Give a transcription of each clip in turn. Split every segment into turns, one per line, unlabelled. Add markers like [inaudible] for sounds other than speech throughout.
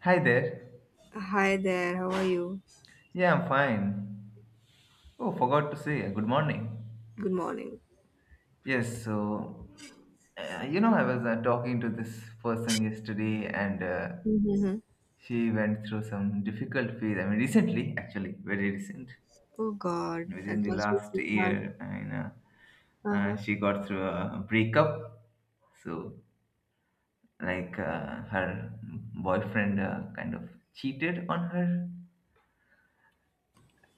Hi there.
Hi there, how are you?
Yeah, I'm fine. Oh, forgot to say good morning.
Good morning.
Yes, so I was talking to this person yesterday, and
Mm-hmm.
she went through some difficult phase. I mean, recently, actually, very recent,
Oh God,
within
that
the
must be
last
so hard.
year. And
Uh-huh.
she got through a breakup. So, like, her boyfriend kind of cheated on her.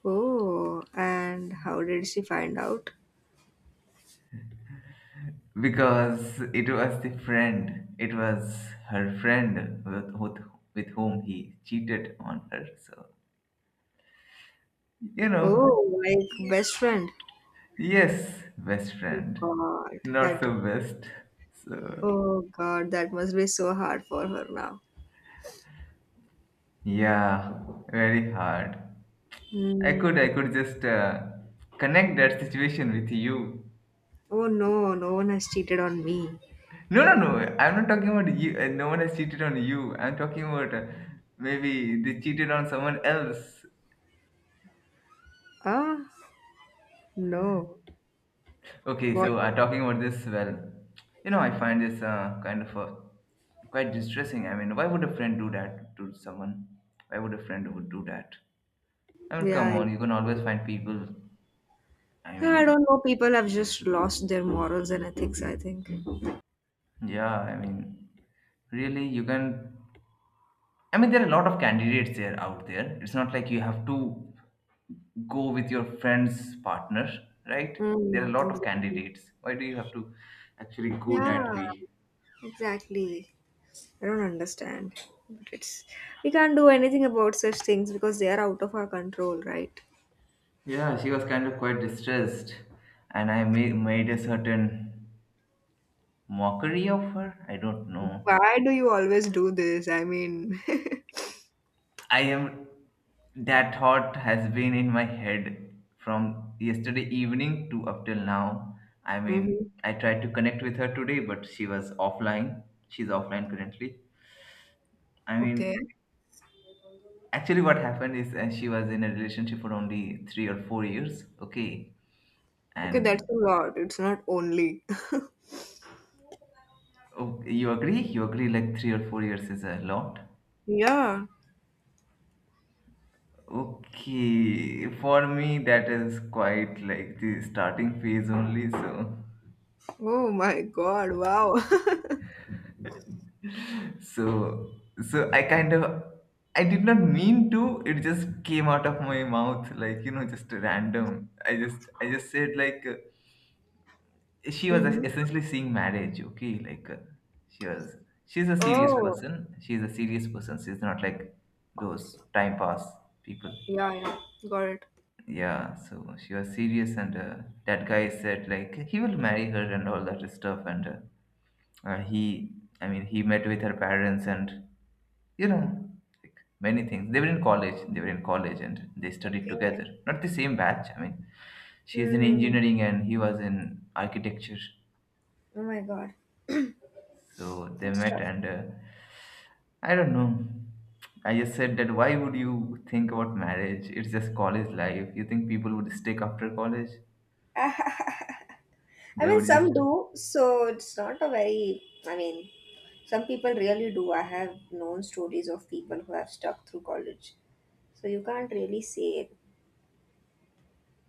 Oh, and how did she find out?
Because it was the friend, it was her friend with whom he cheated on her. So, you know,
Oh, like best friend.
yes, best
Oh
friend,
God,
not
that.
so best. So,
Oh God, that must be so hard for her now.
yeah, very hard. I could,
Hmm.
I could just connect that situation with you.
Oh no, no one has cheated on me.
No, no, no. I'm not talking about you. No one has cheated on you. I'm talking about maybe they cheated on someone else.
Ah, no.
Okay,
What?
so talking about this, well, I find this kind of quite distressing. I mean, why would a friend do that to someone? Why would a friend would do that? I mean,
Yeah,
come on, you
I-
can always find people. I
yeah. I
mean,
don't know. People have just lost their morals and ethics, I think.
yeah, I mean, really, you can. I mean, there are a lot of candidates there out there. It's not like you have to go with your friend's partner, right? There are a
Mm,
lot of
exactly.
candidates. Why do you have to actually go
Yeah.
that way?
Exactly. I don't understand. But it's we can't do anything about such things because they are out of our control, right?
Yeah, she was kind of quite distressed, and I made a certain mockery of her. I don't know.
Why do you always do this? I mean, [laughs]
I am. That thought has been in my head from yesterday evening to up till now. I
hmm
mean, I tried to connect with her today, but she was offline. She's offline currently. I
okay.
mean, actually, what happened is she was in a relationship for only 3 or 4 years. Okay.
Okay, that's
And
a lot. It's not only. [laughs]
oh, you agree? You agree, like 3 or 4 years is a lot?
Yeah.
Okay, for me that is quite like the starting phase only.
Oh my God. Wow. [laughs]
So, so, I did not mean to. It just came out of my mouth, like just random. I just said like she was
Hmm.
essentially seeing marriage. Okay, like she was, she's a serious
Oh.
person. She's a serious person. She's not like those time pass people.
Yeah, I know. Got it.
Yeah, so she was serious, and that guy said like he will marry her and all that stuff, and he I mean he met with her parents, and you know like many things. They were in college and they studied
Okay.
together, not the same batch. I mean, she is in
Hmm.
engineering and he was in architecture.
Oh my God.
So they
That's
met,
tough.
and I don't know. I just said that, why would you think about marriage? It's just college life. You think people would stick after college?
[laughs] I
They
mean,
would
some
just
do, so it's not a very, I mean, some people really do. I have known stories of people who have stuck through college. So you can't really say it.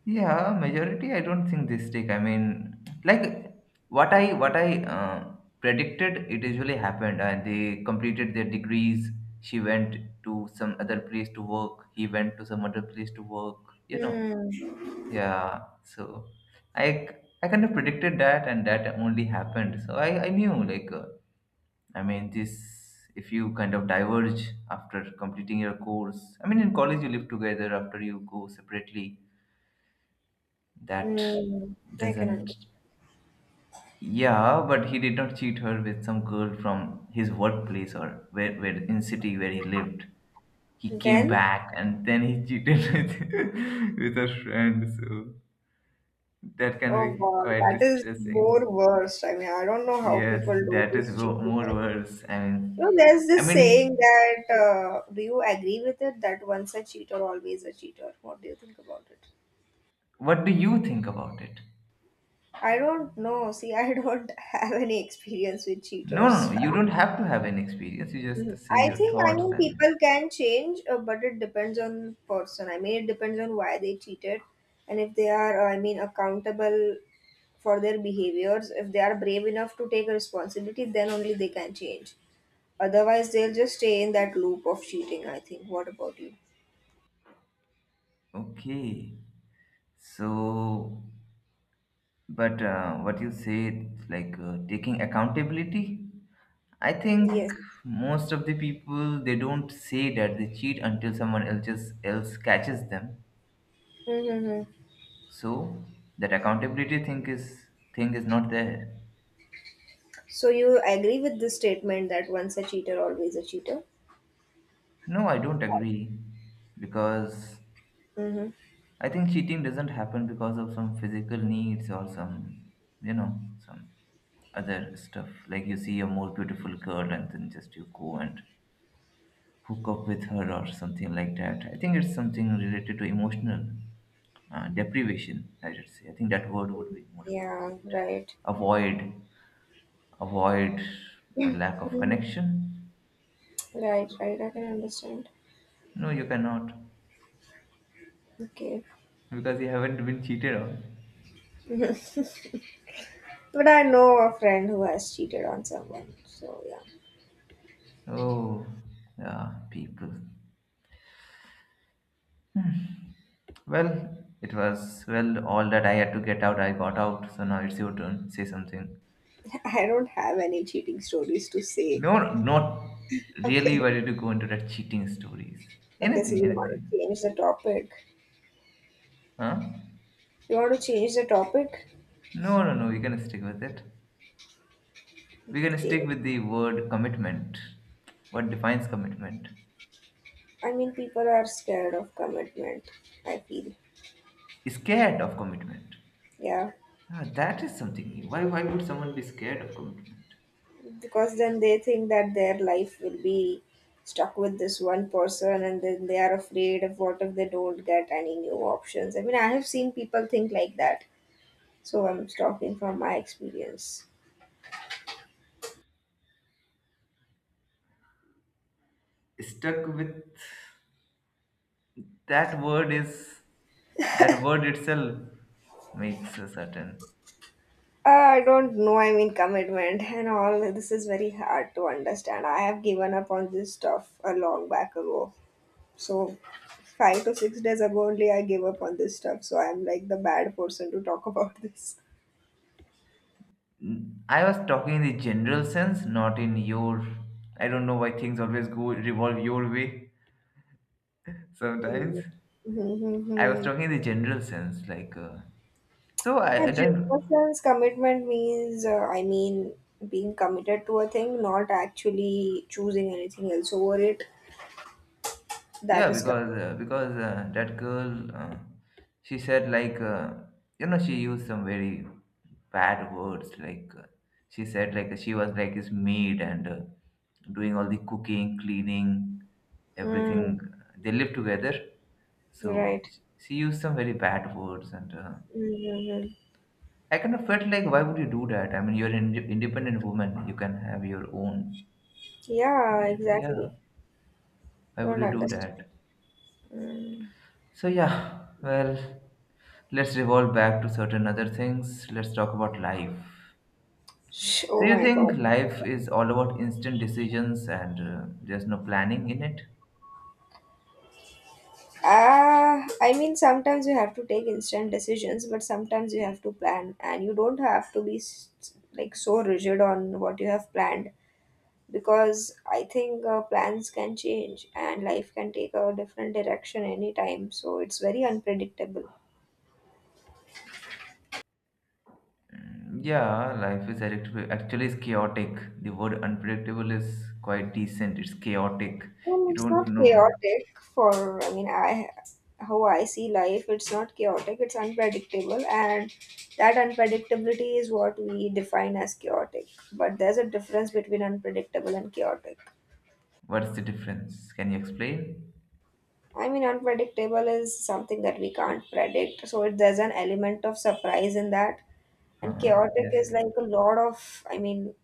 Yeah, majority. I don't think this stick. I mean, like what I predicted, it usually happened, and they completed their degrees. She went to some other place to work. He went to some other place to work. You know.
Hmm.
Yeah. So, I I kind of predicted that, and that only happened. So I knew like I mean this. If you kind of diverge after completing your course, I mean in college you live together. After you go separately, that
Hmm. I can
doesn't.
understand.
Yeah, but he did not cheat her with some girl from his workplace or where, in city where he lived. He came
Then,
back and then he cheated [laughs] with with a friend. So that can
oh
be
God,
quite
that is
distressing.
more worse. I mean, I don't know how
Yes,
people do
that is
this cheating.
more worse. I
You know,
mean,
there's
I
this saying
mean,
that, do you agree with it? That once a cheater, always a cheater. What do you think about it?
what do you think about it?
I don't know. See, I don't [laughs] have any experience with
No, no, no.
cheaters.
You don't have to have any experience. You
Mhm.
just say
I
your
think, I
thoughts
mean,
and
people can change, but it depends on person. I mean, it depends on why they cheated, and if they are, I mean, accountable for their behaviors. If they are brave enough to take responsibility, then only they can change. Otherwise, they'll just stay in that loop of cheating, I think. What about you?
okay. So. But what you say, like taking accountability, I think
Yes.
most of the people they don't say that they cheat until someone else just else catches them.
Mm-hmm.
So that accountability thing is not there.
So you agree with this statement that once a cheater, always a cheater?
No, I don't agree because
Mm-hmm.
I think cheating doesn't happen because of some physical needs or you know some other stuff. Like you see a more beautiful girl and then just you go and hook up with her or something like that. I think it's something related to emotional deprivation. I should say. I think that word would be more
Yeah,
appropriate.
right.
Avoid, avoid, a lack of
Mhm.
connection.
Right, right. I can understand.
No, you cannot
Okay.
because you haven't been cheated on.
[laughs] But I know a friend who has cheated on someone. So, yeah.
Oh, yeah, people. Well, it was well all that I had to get out. I got out. So now it's your turn. Say something.
[laughs] I don't have any cheating stories to say.
No, not really.
Okay.
Why did you go into that cheating stories?
Okay, so
Anything,
you want
anything.
to change the topic?
Huh?
You want to change the topic?
No, no, no, we can stick with it. We can
Okay.
stick with the word commitment. What defines commitment?
I mean, people are scared of commitment, I feel.
Scared of commitment.
Yeah.
Ah, that is something new. Why would someone be scared of commitment?
Because then they think that their life will be stuck with this one person, and then they are afraid of what if they don't get any new options. I mean, I have seen people think like that, so I'm talking from my experience.
Stuck with, that word is, that word itself makes a certain.
I don't know. I mean, commitment and all this is very hard to understand. I have given up on this stuff a long back ago, so 5 to 6 days ago only I gave up on this stuff, so I'm like the bad person to talk [laughs] about this.
I was talking in the general sense, not in your. I don't know why things always go revolve your way sometimes. I was
Mhm.
talking in the general sense, like. So
A
I don't.
generous commitment means, I mean, being committed to a thing, not actually choosing anything else over it. That
Yeah,
is
because that girl, she said like she used some very bad words. Like she said like she was like his maid and doing all the cooking, cleaning, everything.
commitment.
They live together,
Mm,
so
right.
she used some very bad words, and
Mm-hmm.
I kind of felt like why would you do that? I mean, you're an independent woman. You can have your own. I
Yeah,
mean,
exactly.
yeah, why would
Don't
you do
understand.
that?
Mm.
So yeah, well, let's revolve back to certain other things. Let's talk about life.
Sh-
So
Oh
you
my
think
God.
life is all about instant decisions and there's no planning in it?
Ah, I mean, sometimes you have to take instant decisions, but sometimes you have to plan, and you don't have to be s- like so rigid on what you have planned. Because I think plans can change and life can take a different direction anytime. So it's very unpredictable.
Mm, yeah, life is actually is chaotic. The word unpredictable is quite decent. It's chaotic. You
It's
don't
not
know
chaotic for, I mean, I how I see life, it's not chaotic, it's unpredictable, and that unpredictability is what we define as chaotic. But there's a difference between unpredictable and chaotic.
what's the difference. Can you explain?
I mean, unpredictable is something that we can't predict, so there's an element of surprise in that. And
Uh-huh.
chaotic
Yes.
is like a lot of, I mean,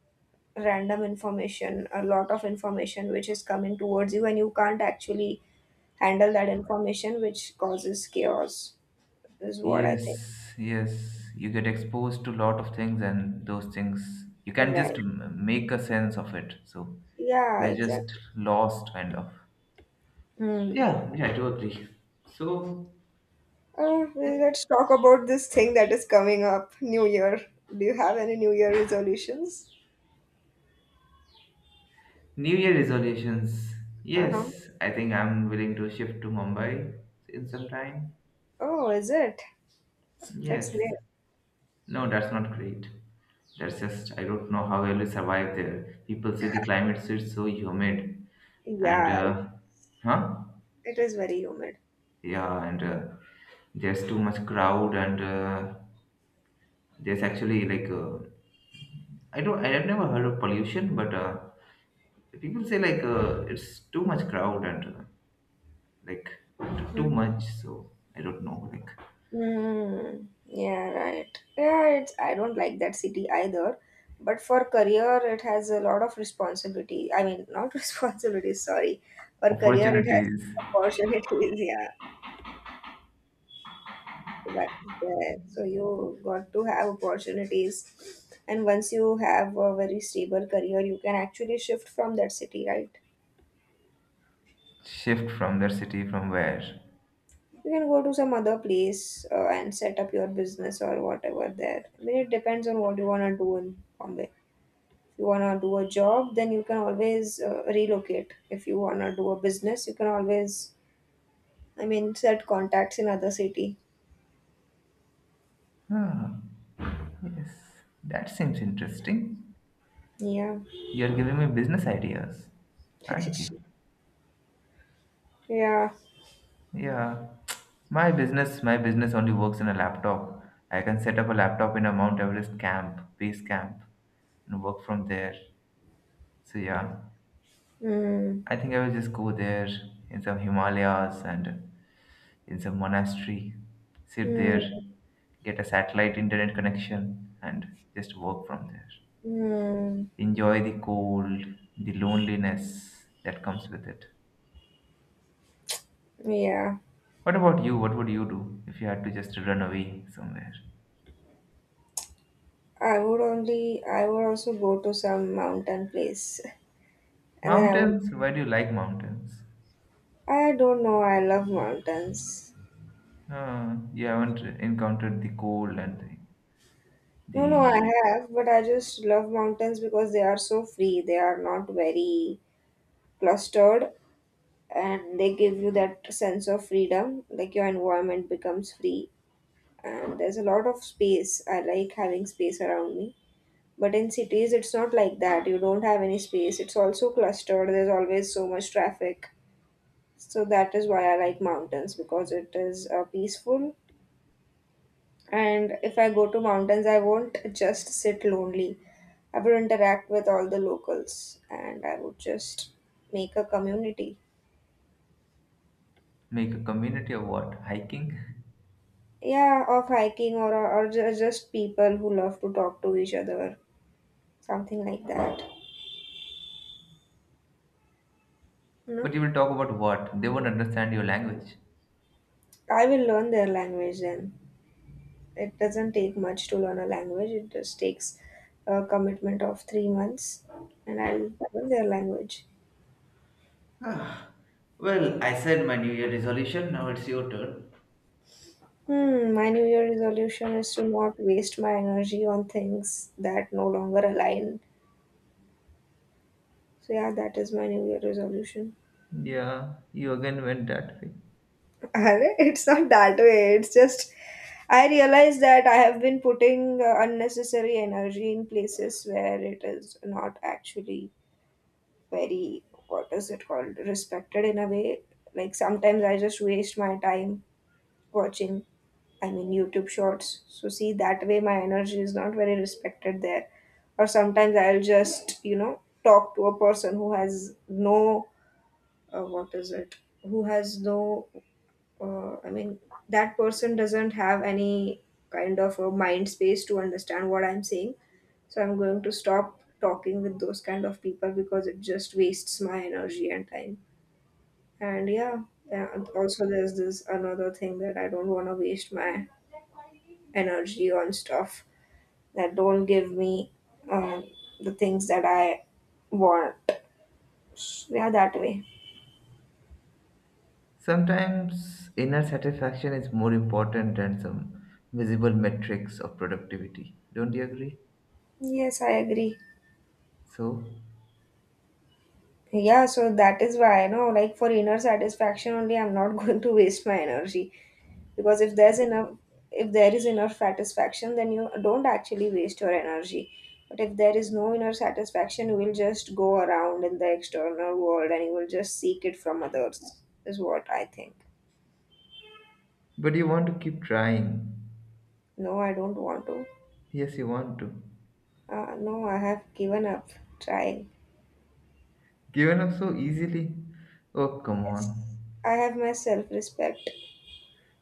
random information, a lot of information which is coming towards you, and you can't actually handle that information, which causes chaos, is what I think.
Yes, yes. You get exposed to a lot of things, and those things you can just
Right.
make a sense of it. So
Yeah,
you're just
exactly.
lost, kind of.
Hmm.
Yeah, yeah, totally. So
Well,
eh,
let's talk about this thing that is coming up, New Year. Do you have any New Year resolutions?
New Year resolutions.
Uh huh.
Yes, I think I'm willing to shift to Mumbai in some time.
Oh, is it? That's
Yes.
great.
No, that's not great. That's just I don't know how I will survive there. People say the climate is so humid, and
Yeah,
huh?
it is very humid.
Yeah, and there's too much crowd, and there's actually like I have never heard of pollution, but people say like it's too much crowd and like too
Hmm.
much. So I don't know like
Mm, yeah, right. Yeah, it's I don't like that city either. But for career, it has a lot of responsibility. I mean, not [laughs] responsibilities, sorry. For career, it has
opportunities
opportunities. [laughs] Yeah, that is there. So you got to have opportunities. And once you have a very stable career, you can actually shift from that city, right?
shift from their city from where.
You can go to some other place and set up your business or whatever there. I mean, it depends on what you want to do in Bombay. If you wanna do a job, then you can always relocate. If you wanna do a business, you can always, I mean, set contacts in other city.
Ah, yes, that seems interesting.
Yeah.
You're giving me business ideas, aren't you?
[laughs] Yeah.
Yeah, my business only works in a laptop. I can set up a laptop in a Mount Everest camp, base camp, and work from there. So yeah,
Mm.
I think I will just go there in some Himalayas and in some monastery, sit there,
Mm.
get a satellite internet connection, and just work from there.
Mm.
Enjoy the cold, the loneliness that comes with it.
Yeah.
What about you? What would you do if you had to just run away somewhere?
I would also go to some mountain place. [laughs] And then I would
Mountains? Why do you like mountains?
I don't know, I love mountains.
You haven't encountered the cold and the,
No, no,
the
I have, but I just love mountains because they are so free. They are not very clustered, and they give you that sense of freedom, like your environment becomes free, and there's a lot of space. I like having space around me, but in cities it's not like that. You don't have any space, it's also clustered, there's always so much traffic. So that is why I like mountains, because it is peaceful. And if I go to mountains, I won't just sit lonely, I would interact with all the locals, and I would just make a community.
Make a community of what? Hiking?
Yeah, of hiking, or ju- just people who love to talk to each other, something like that. You
[laughs]
know,
But you will talk about what? They won't understand your language.
I will learn their language then. It doesn't take much to learn a language, it just takes a commitment of 3 months, and I'll learn their language.
Ah, well, I said my New Year resolution, now it's your turn.
Hmm, my New Year resolution is to not waste my energy on things that no longer align. So, yeah, that is my New Year resolution.
Yeah, you again went that way.
[laughs] Arre, it's not that way, it's just I realize that I have been putting unnecessary energy in places where it is not actually very, what is it called, respected in a way. Like sometimes I just waste my time watching, I mean, YouTube shorts. So, see, that way my energy is not very respected there. Or sometimes I'll just, you know, talk to a person who has no, what is it, who has no I mean, that person doesn't have any kind of a mind space to understand what I'm saying. So I'm going to stop talking with those kind of people because it just wastes my energy and time. And yeah, yeah, and also there's this another thing that I don't want to waste my energy on stuff that don't give me um, the things that I want. Yeah, that way.
Sometimes inner satisfaction is more important than some visible metrics of productivity. Don't you agree?
Yes, I agree.
So,
Yeah, so that is why, you know, like for inner satisfaction only, I'm not [laughs] going to waste my energy. Because if there's enough, if there is enough satisfaction, then you don't actually waste your energy. But if there is no inner satisfaction, you will just go around in the external world and you will just seek it from others, is what I think.
but you want to keep trying.
No, I don't want to.
Yes, you want to.
No, I have given up trying.
Given up so easily? Oh, come
Yes,
on.
I have my self-respect.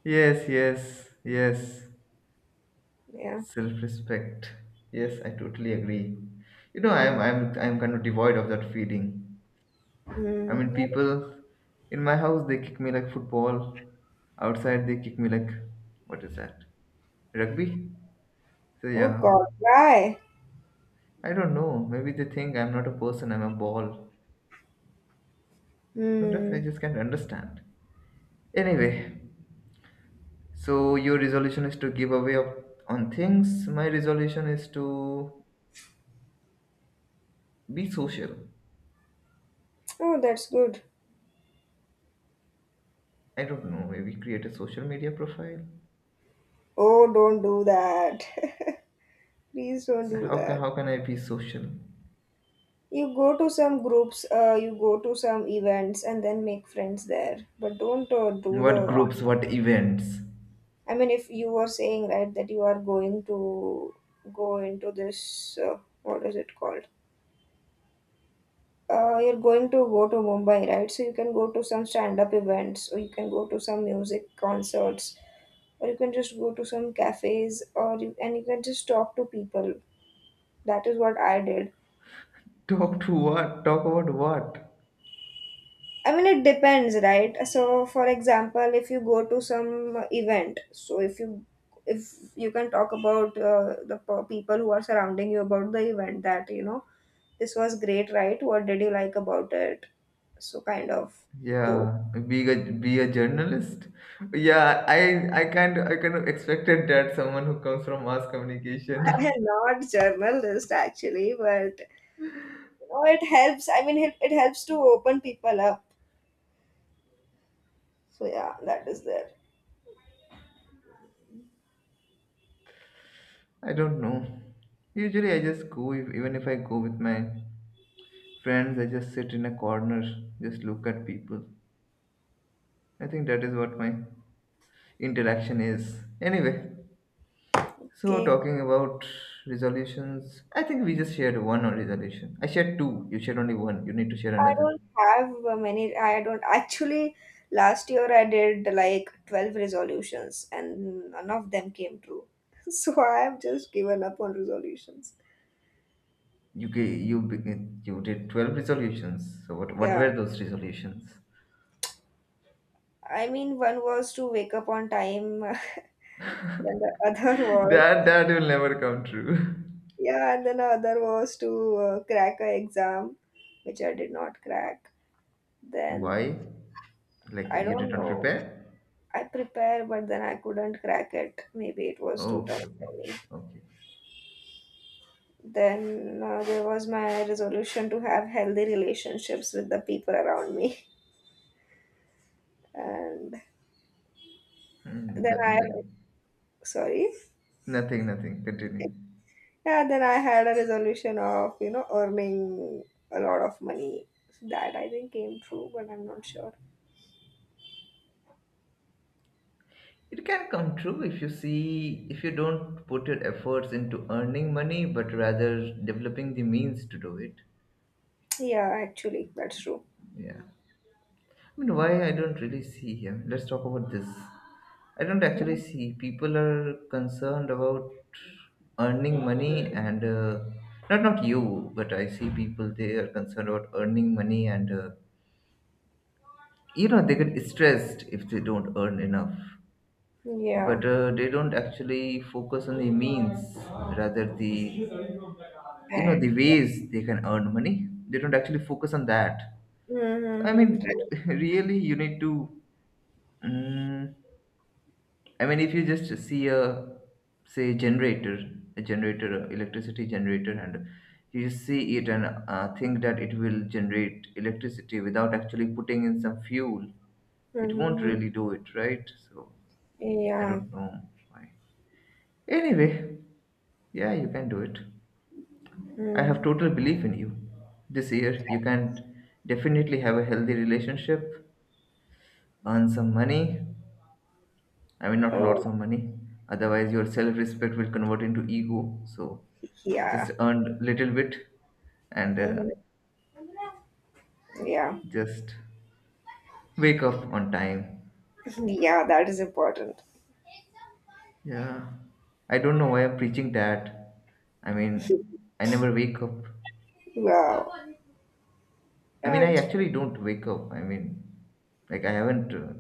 Yes, yes, yes.
Yeah.
Self-respect. Yes, I totally agree. You know,
Mm,
I'm kind of devoid of that feeling. I
mm,
mean,
yeah.
people in my house they kick me like football. Outside they kick me like what is that? Rugby? So
Oh
yeah.
God, why?
I don't know. Maybe they think I'm not a person, I'm a ball. Sometimes I
Hmm.
just can't understand. Anyway, so your resolution is to give away of, on things. My resolution is to be social.
Oh, that's good.
I don't know. Maybe create a social media profile.
Oh, don't do that. [laughs] Please don't do
How can
that.
how can I be social?
You go to some groups, you go to some events, and then make friends there. But don't do
What
the.
groups? What events?
I mean, if you were saying right that you are going to go into this, what is it called? You're going to go to Mumbai, right? So you can go to some stand-up events, or you can go to some music concerts, or you can just go to some cafes, or you, and you can just talk to people. That is what I did.
[laughs] Talk to what? Talk about what?
I mean, it depends, right? So, for example, if you go to some event, so if you can talk about the p- people who are surrounding you about the event, that you know this was great, right? What did you like about it? So, kind of those.
Yeah, be a journalist. Yeah, I can't. I kind of expected that someone who comes from mass
[laughs] I
communication.
am not journalist actually, but you know, it helps. I mean, it helps to open people up. So yeah, that is there.
[laughs] I don't know. Usually I just go if, even if I go with my friends, I just sit in a corner, just look at people. I think that is what my interaction is, anyway. So
Okay.
talking about resolutions, I think we just shared one on resolution. I shared two, you shared only one, you need to share
I
another.
don't have many. I don't actually. Last year I did like 12 resolutions and none of them came true. [laughs] So I have just given up on resolutions.
You begin. You did 12 resolutions, so what
Yeah.
were those resolutions?
I mean, one was to wake up on time, [laughs] then the other
[laughs]
was,
That will never come true.
yeah, and then the other was to crack a exam, which I did not crack.
[laughs]
Then
Why? Like
I
you did
don't
not
know.
prepare?
I prepare, but then I couldn't crack it. Maybe it was
Oh,
too tough
okay, okay.
for me.
Okay.
Then there was my resolution to have healthy relationships with the people around me. [laughs] And
Hmm,
then
that,
I,
that-
sorry,
nothing, continue.
yeah, then I had a resolution of, you know, earning a lot of money. So that I think came true, but I'm not sure.
It can come true if you see, if you don't put your efforts into earning money, but rather developing the means to do it.
Yeah, actually, that's true.
Yeah. I mean, why I don't really see here? Let's talk about this. I don't actually
Mhm.
see people are concerned about earning money and not you, but I see people they are concerned about earning money and you know they get stressed if they don't earn enough,
Yeah,
but they don't actually focus on the means, rather the, you know, the
and
ways they can earn money. They don't actually focus on that. I mean,
mm-hmm,
[laughs] really, you need to, mm I mean, if you just see a, say, generator, a generator a electricity generator and you see it and think that it will generate electricity without actually putting in some fuel, it
mm-hmm,
won't
mm-hmm,
really do it, right? So I
yeah,
don't know why. Anyway, yeah, you can do it. I have
mm.
total belief in you. This year, you can definitely have a healthy relationship, earn some money. I mean, not
Oh,
lots of money. Otherwise, your self respect will convert into ego. So, just
yeah,
earn little bit and
mm-hmm, yeah,
just wake up on time.
[laughs] yeah. That is important.
Yeah. I don't know why I'm preaching that. I mean, I never wake up.
Wow,
I
yeah,
mean, I
it's
actually don't wake up. I mean, like I haven't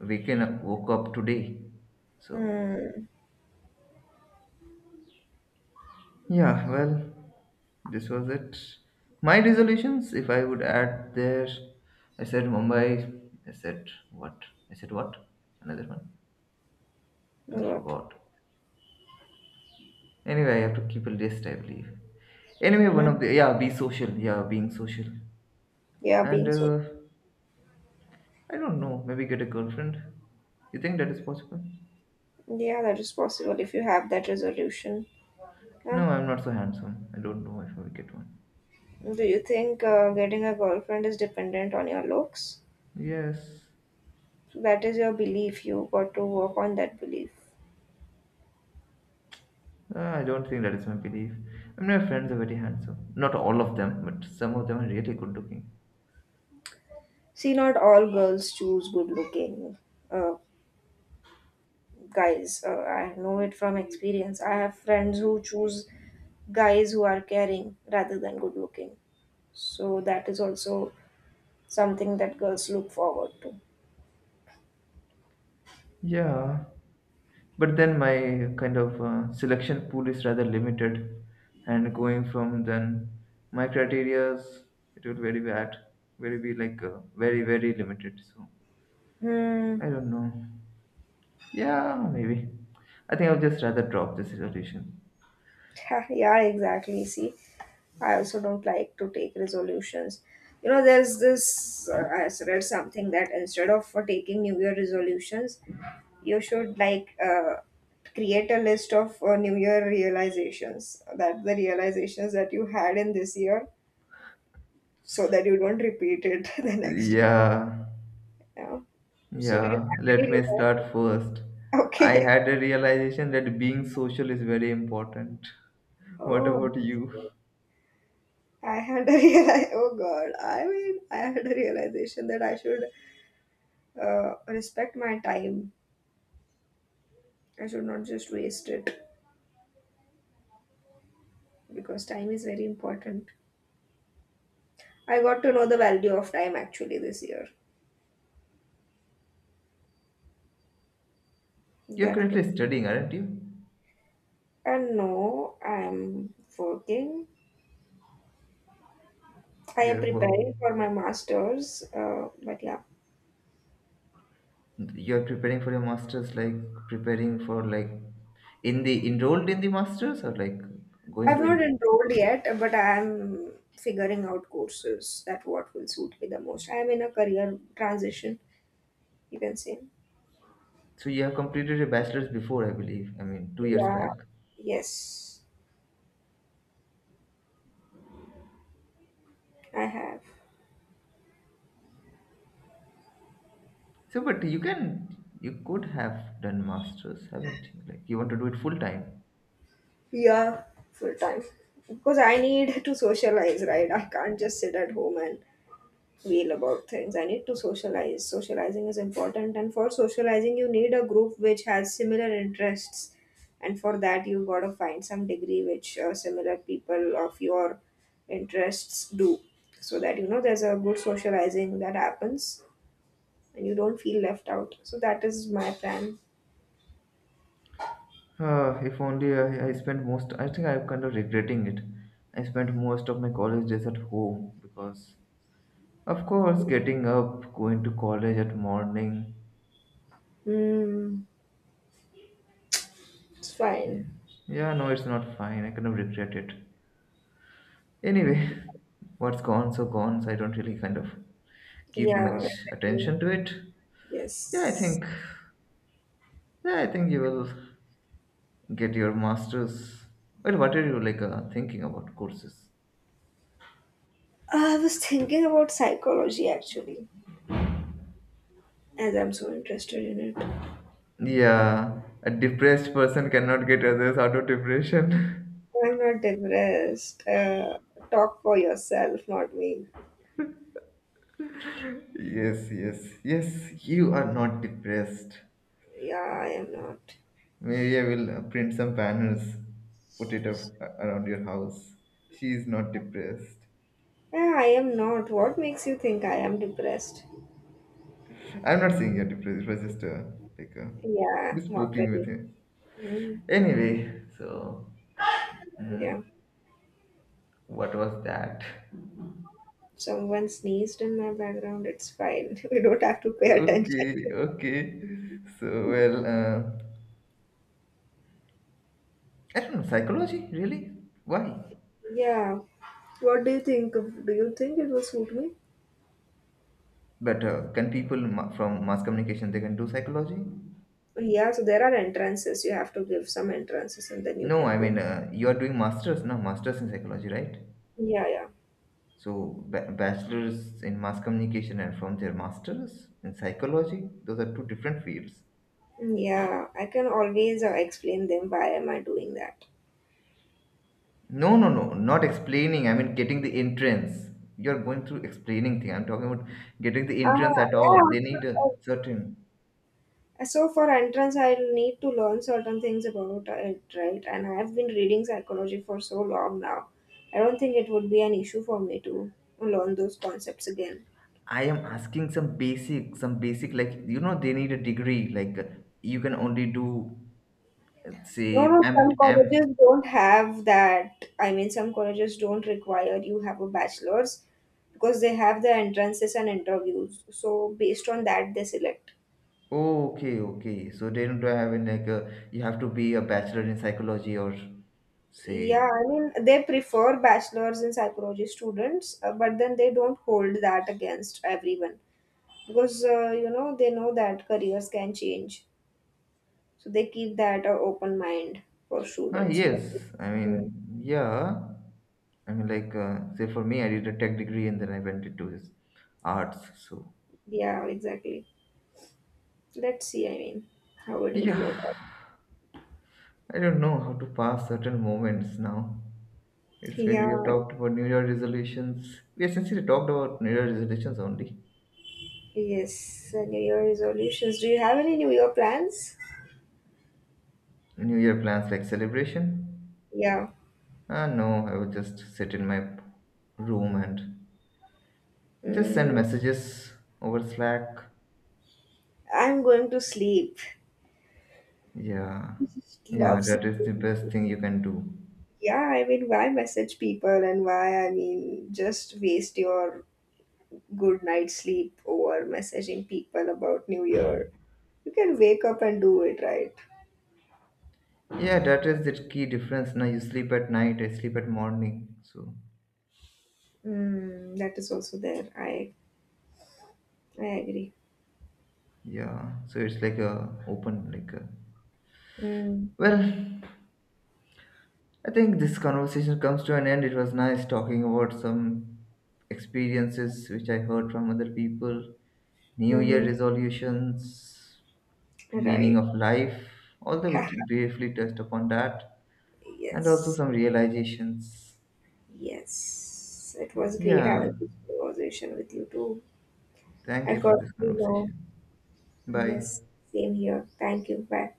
woke up today. So
mm,
yeah, well, this was it. My resolutions, if I would add there, I said Mumbai, I said what? I said what? Another one. I
God.
forgot. Anyway, I have to keep a list, I believe. Anyway, one
Mm,
of the, yeah, be social. Yeah, being social.
yeah,
And
being so.
I don't know, maybe get a girlfriend. You think that is possible?
Yeah, that is possible if you have that resolution. Yeah.
No, I'm not so handsome. I don't know if I will get one.
Do you think getting a girlfriend is dependent on your looks?
Yes.
That is your belief. You got to work on that belief.
I don't think that is my belief. I mean, my friends are very handsome. Not all of them, but some of them are really good looking.
See, not all girls choose good looking uh, guys. I know it from experience. I have friends who choose guys who are caring rather than good looking. So that is also something that girls look forward to.
Yeah, but then my kind of selection pool is rather limited, and going from then my criterias, it would very bad, very be like very limited. So
Hmm.
I don't know. Yeah, maybe. I think I'll just rather drop this resolution.
[laughs] Yeah, exactly. See, I also don't like to take resolutions. You know, there's read something that instead of for taking New Year resolutions, you should like create a list of New Year realizations, that the realizations that you had in this year so that you don't repeat it [laughs] the next year.
Yeah.
Yeah. So, do you
Yeah,
have any
let me start
realizations?
first. I
Okay. [laughs]
had a realization that being social is very important. [laughs] What
Oh,
about you?
I had a [laughs] real. Oh God, I mean, I had a realization that I should respect my time. I should not just waste it because time is very important. I got to know the value of time actually this year.
You're
That was-
currently studying, aren't you?
and no, I'm working. I am
You're work.
preparing for my masters. But yeah,
You're preparing for your masters, like preparing for like in the enrolled in the masters or like going
I've
to
not
enroll.
enrolled yet, but I am figuring out courses that what will suit me the most. I am in a career transition, you can say.
So you have completed your bachelor's before, I believe. I mean, 2 years
Yeah,
back.
yes, I have.
So, but you can, you could have done masters, haven't you? Like you want to do it full time.
Yeah, full time. Because I need to socialize, right? I can't just sit at home and wail about things. I need to socialize. Socializing is important, and for socializing, you need a group which has similar interests. And for that, you've got to find some degree which similar people of your interests do, so that you know there's a good socializing that happens and you don't feel left out. So that is my plan.
If only I spent most, I think I'm kind of regretting it. I spent most of my college days at home because, of course, getting up, going to college at morning.
Hmm, it's
Yeah.
fine.
Yeah, no, it's not fine. I kind of regret it. Anyway, [laughs] what's gone, so I don't really kind of keep
Yeah,
much
exactly.
attention to it. Yeah, I
Yes.
think, yeah, I think you will get your master's. Well, what are you like thinking about courses?
I was thinking about psychology actually, as I'm so interested in it.
Yeah, a depressed person cannot get others out of depression. [laughs]
I'm not depressed. Talk for yourself, not me.
Yes, yes, yes, you are not depressed.
Yeah, I am not.
Maybe I will print some banners, put it around your house. She is not depressed.
Yeah, I am not. What makes you think I am depressed?
I'm not saying you're depressed, it was just a, like a,
Yeah,
just poking
mockery.
with him.
Mm,
Anyway, so,
yeah.
mhm, what was that?
Someone sneezed in my background. It's fine. [laughs] We don't have to pay attention to.
Okay, okay. So, well, I don't know, psychology? Really? Why?
Yeah. What do you think? Of- Do you think it will suit me?
But can people from mass communication they can do psychology?
Yeah, so there are entrances. You have to give some entrances and then you
No,
can
I
go.
mean you are doing masters, no masters in psychology, right?
Yeah, yeah.
So bachelors in mass communication and from their masters in psychology, those are two different fields.
Yeah, I can always explain them why am I doing that.
No, no, no, not explaining. I mean getting the entrance. You're going through explaining thing. I'm talking about getting the entrance
Ah,
at all.
yeah.
They need a
So,
certain.
so for entrance, I'll need to learn certain things about it, right? And I have been reading psychology for so long now. I don't think it would be an issue for me to learn those concepts again.
I am asking some basic like you know they need a degree. Like you can only do.
No,
See,
no, some colleges don't have that. I mean, some colleges don't require you have a bachelor's because they have the entrances and interviews. So based on that, they select.
oh, okay, okay. So they don't have in like a, you have to be a bachelor in psychology or
Yeah,
say,
I mean, they prefer bachelor's in psychology students, but then they don't hold that against everyone because, you know, they know that careers can change. So they keep that open mind for
ah,
students. But
yes. I
mm.
mean, yeah. I mean, like, say for me, I did a tech degree and then I went into this arts. So,
Yeah, exactly. Let's see, I mean, how it will work out.
yeah, I don't know how to pass certain moments now. It's when we have
Yeah,
talked about New Year resolutions. We essentially talked about New Year resolutions only.
yes, New Year resolutions. Do you have any New Year plans?
New Year plans like celebration,
Yeah.
uh, no, I would just sit in my room and just send
Mm,
messages over Slack.
I'm going to sleep.
Yeah,
[laughs]
yeah,
Love,
that is the best thing you can do.
yeah, I mean, why message people and why, I mean, just waste your good night's sleep over messaging people about New Year? You can wake up and do it, right?
Yeah, that is the key difference. Now you sleep at night, I sleep at morning. So
Mm, that is also there. I agree.
yeah, so it's like a open like a.
Mm,
Well, I think this conversation comes to an end. It was nice talking about some experiences which I heard from other people, New Year
mm-hmm.
resolutions, meaning
Right.
of life, although
[laughs]
briefly touched upon that, and also
Yes,
some realizations.
yes, it was great
Yeah,
having this conversation with you too.
thank
I
you
got
for this
to know.
conversation. Bye.
Yes, same here, thank you, bye.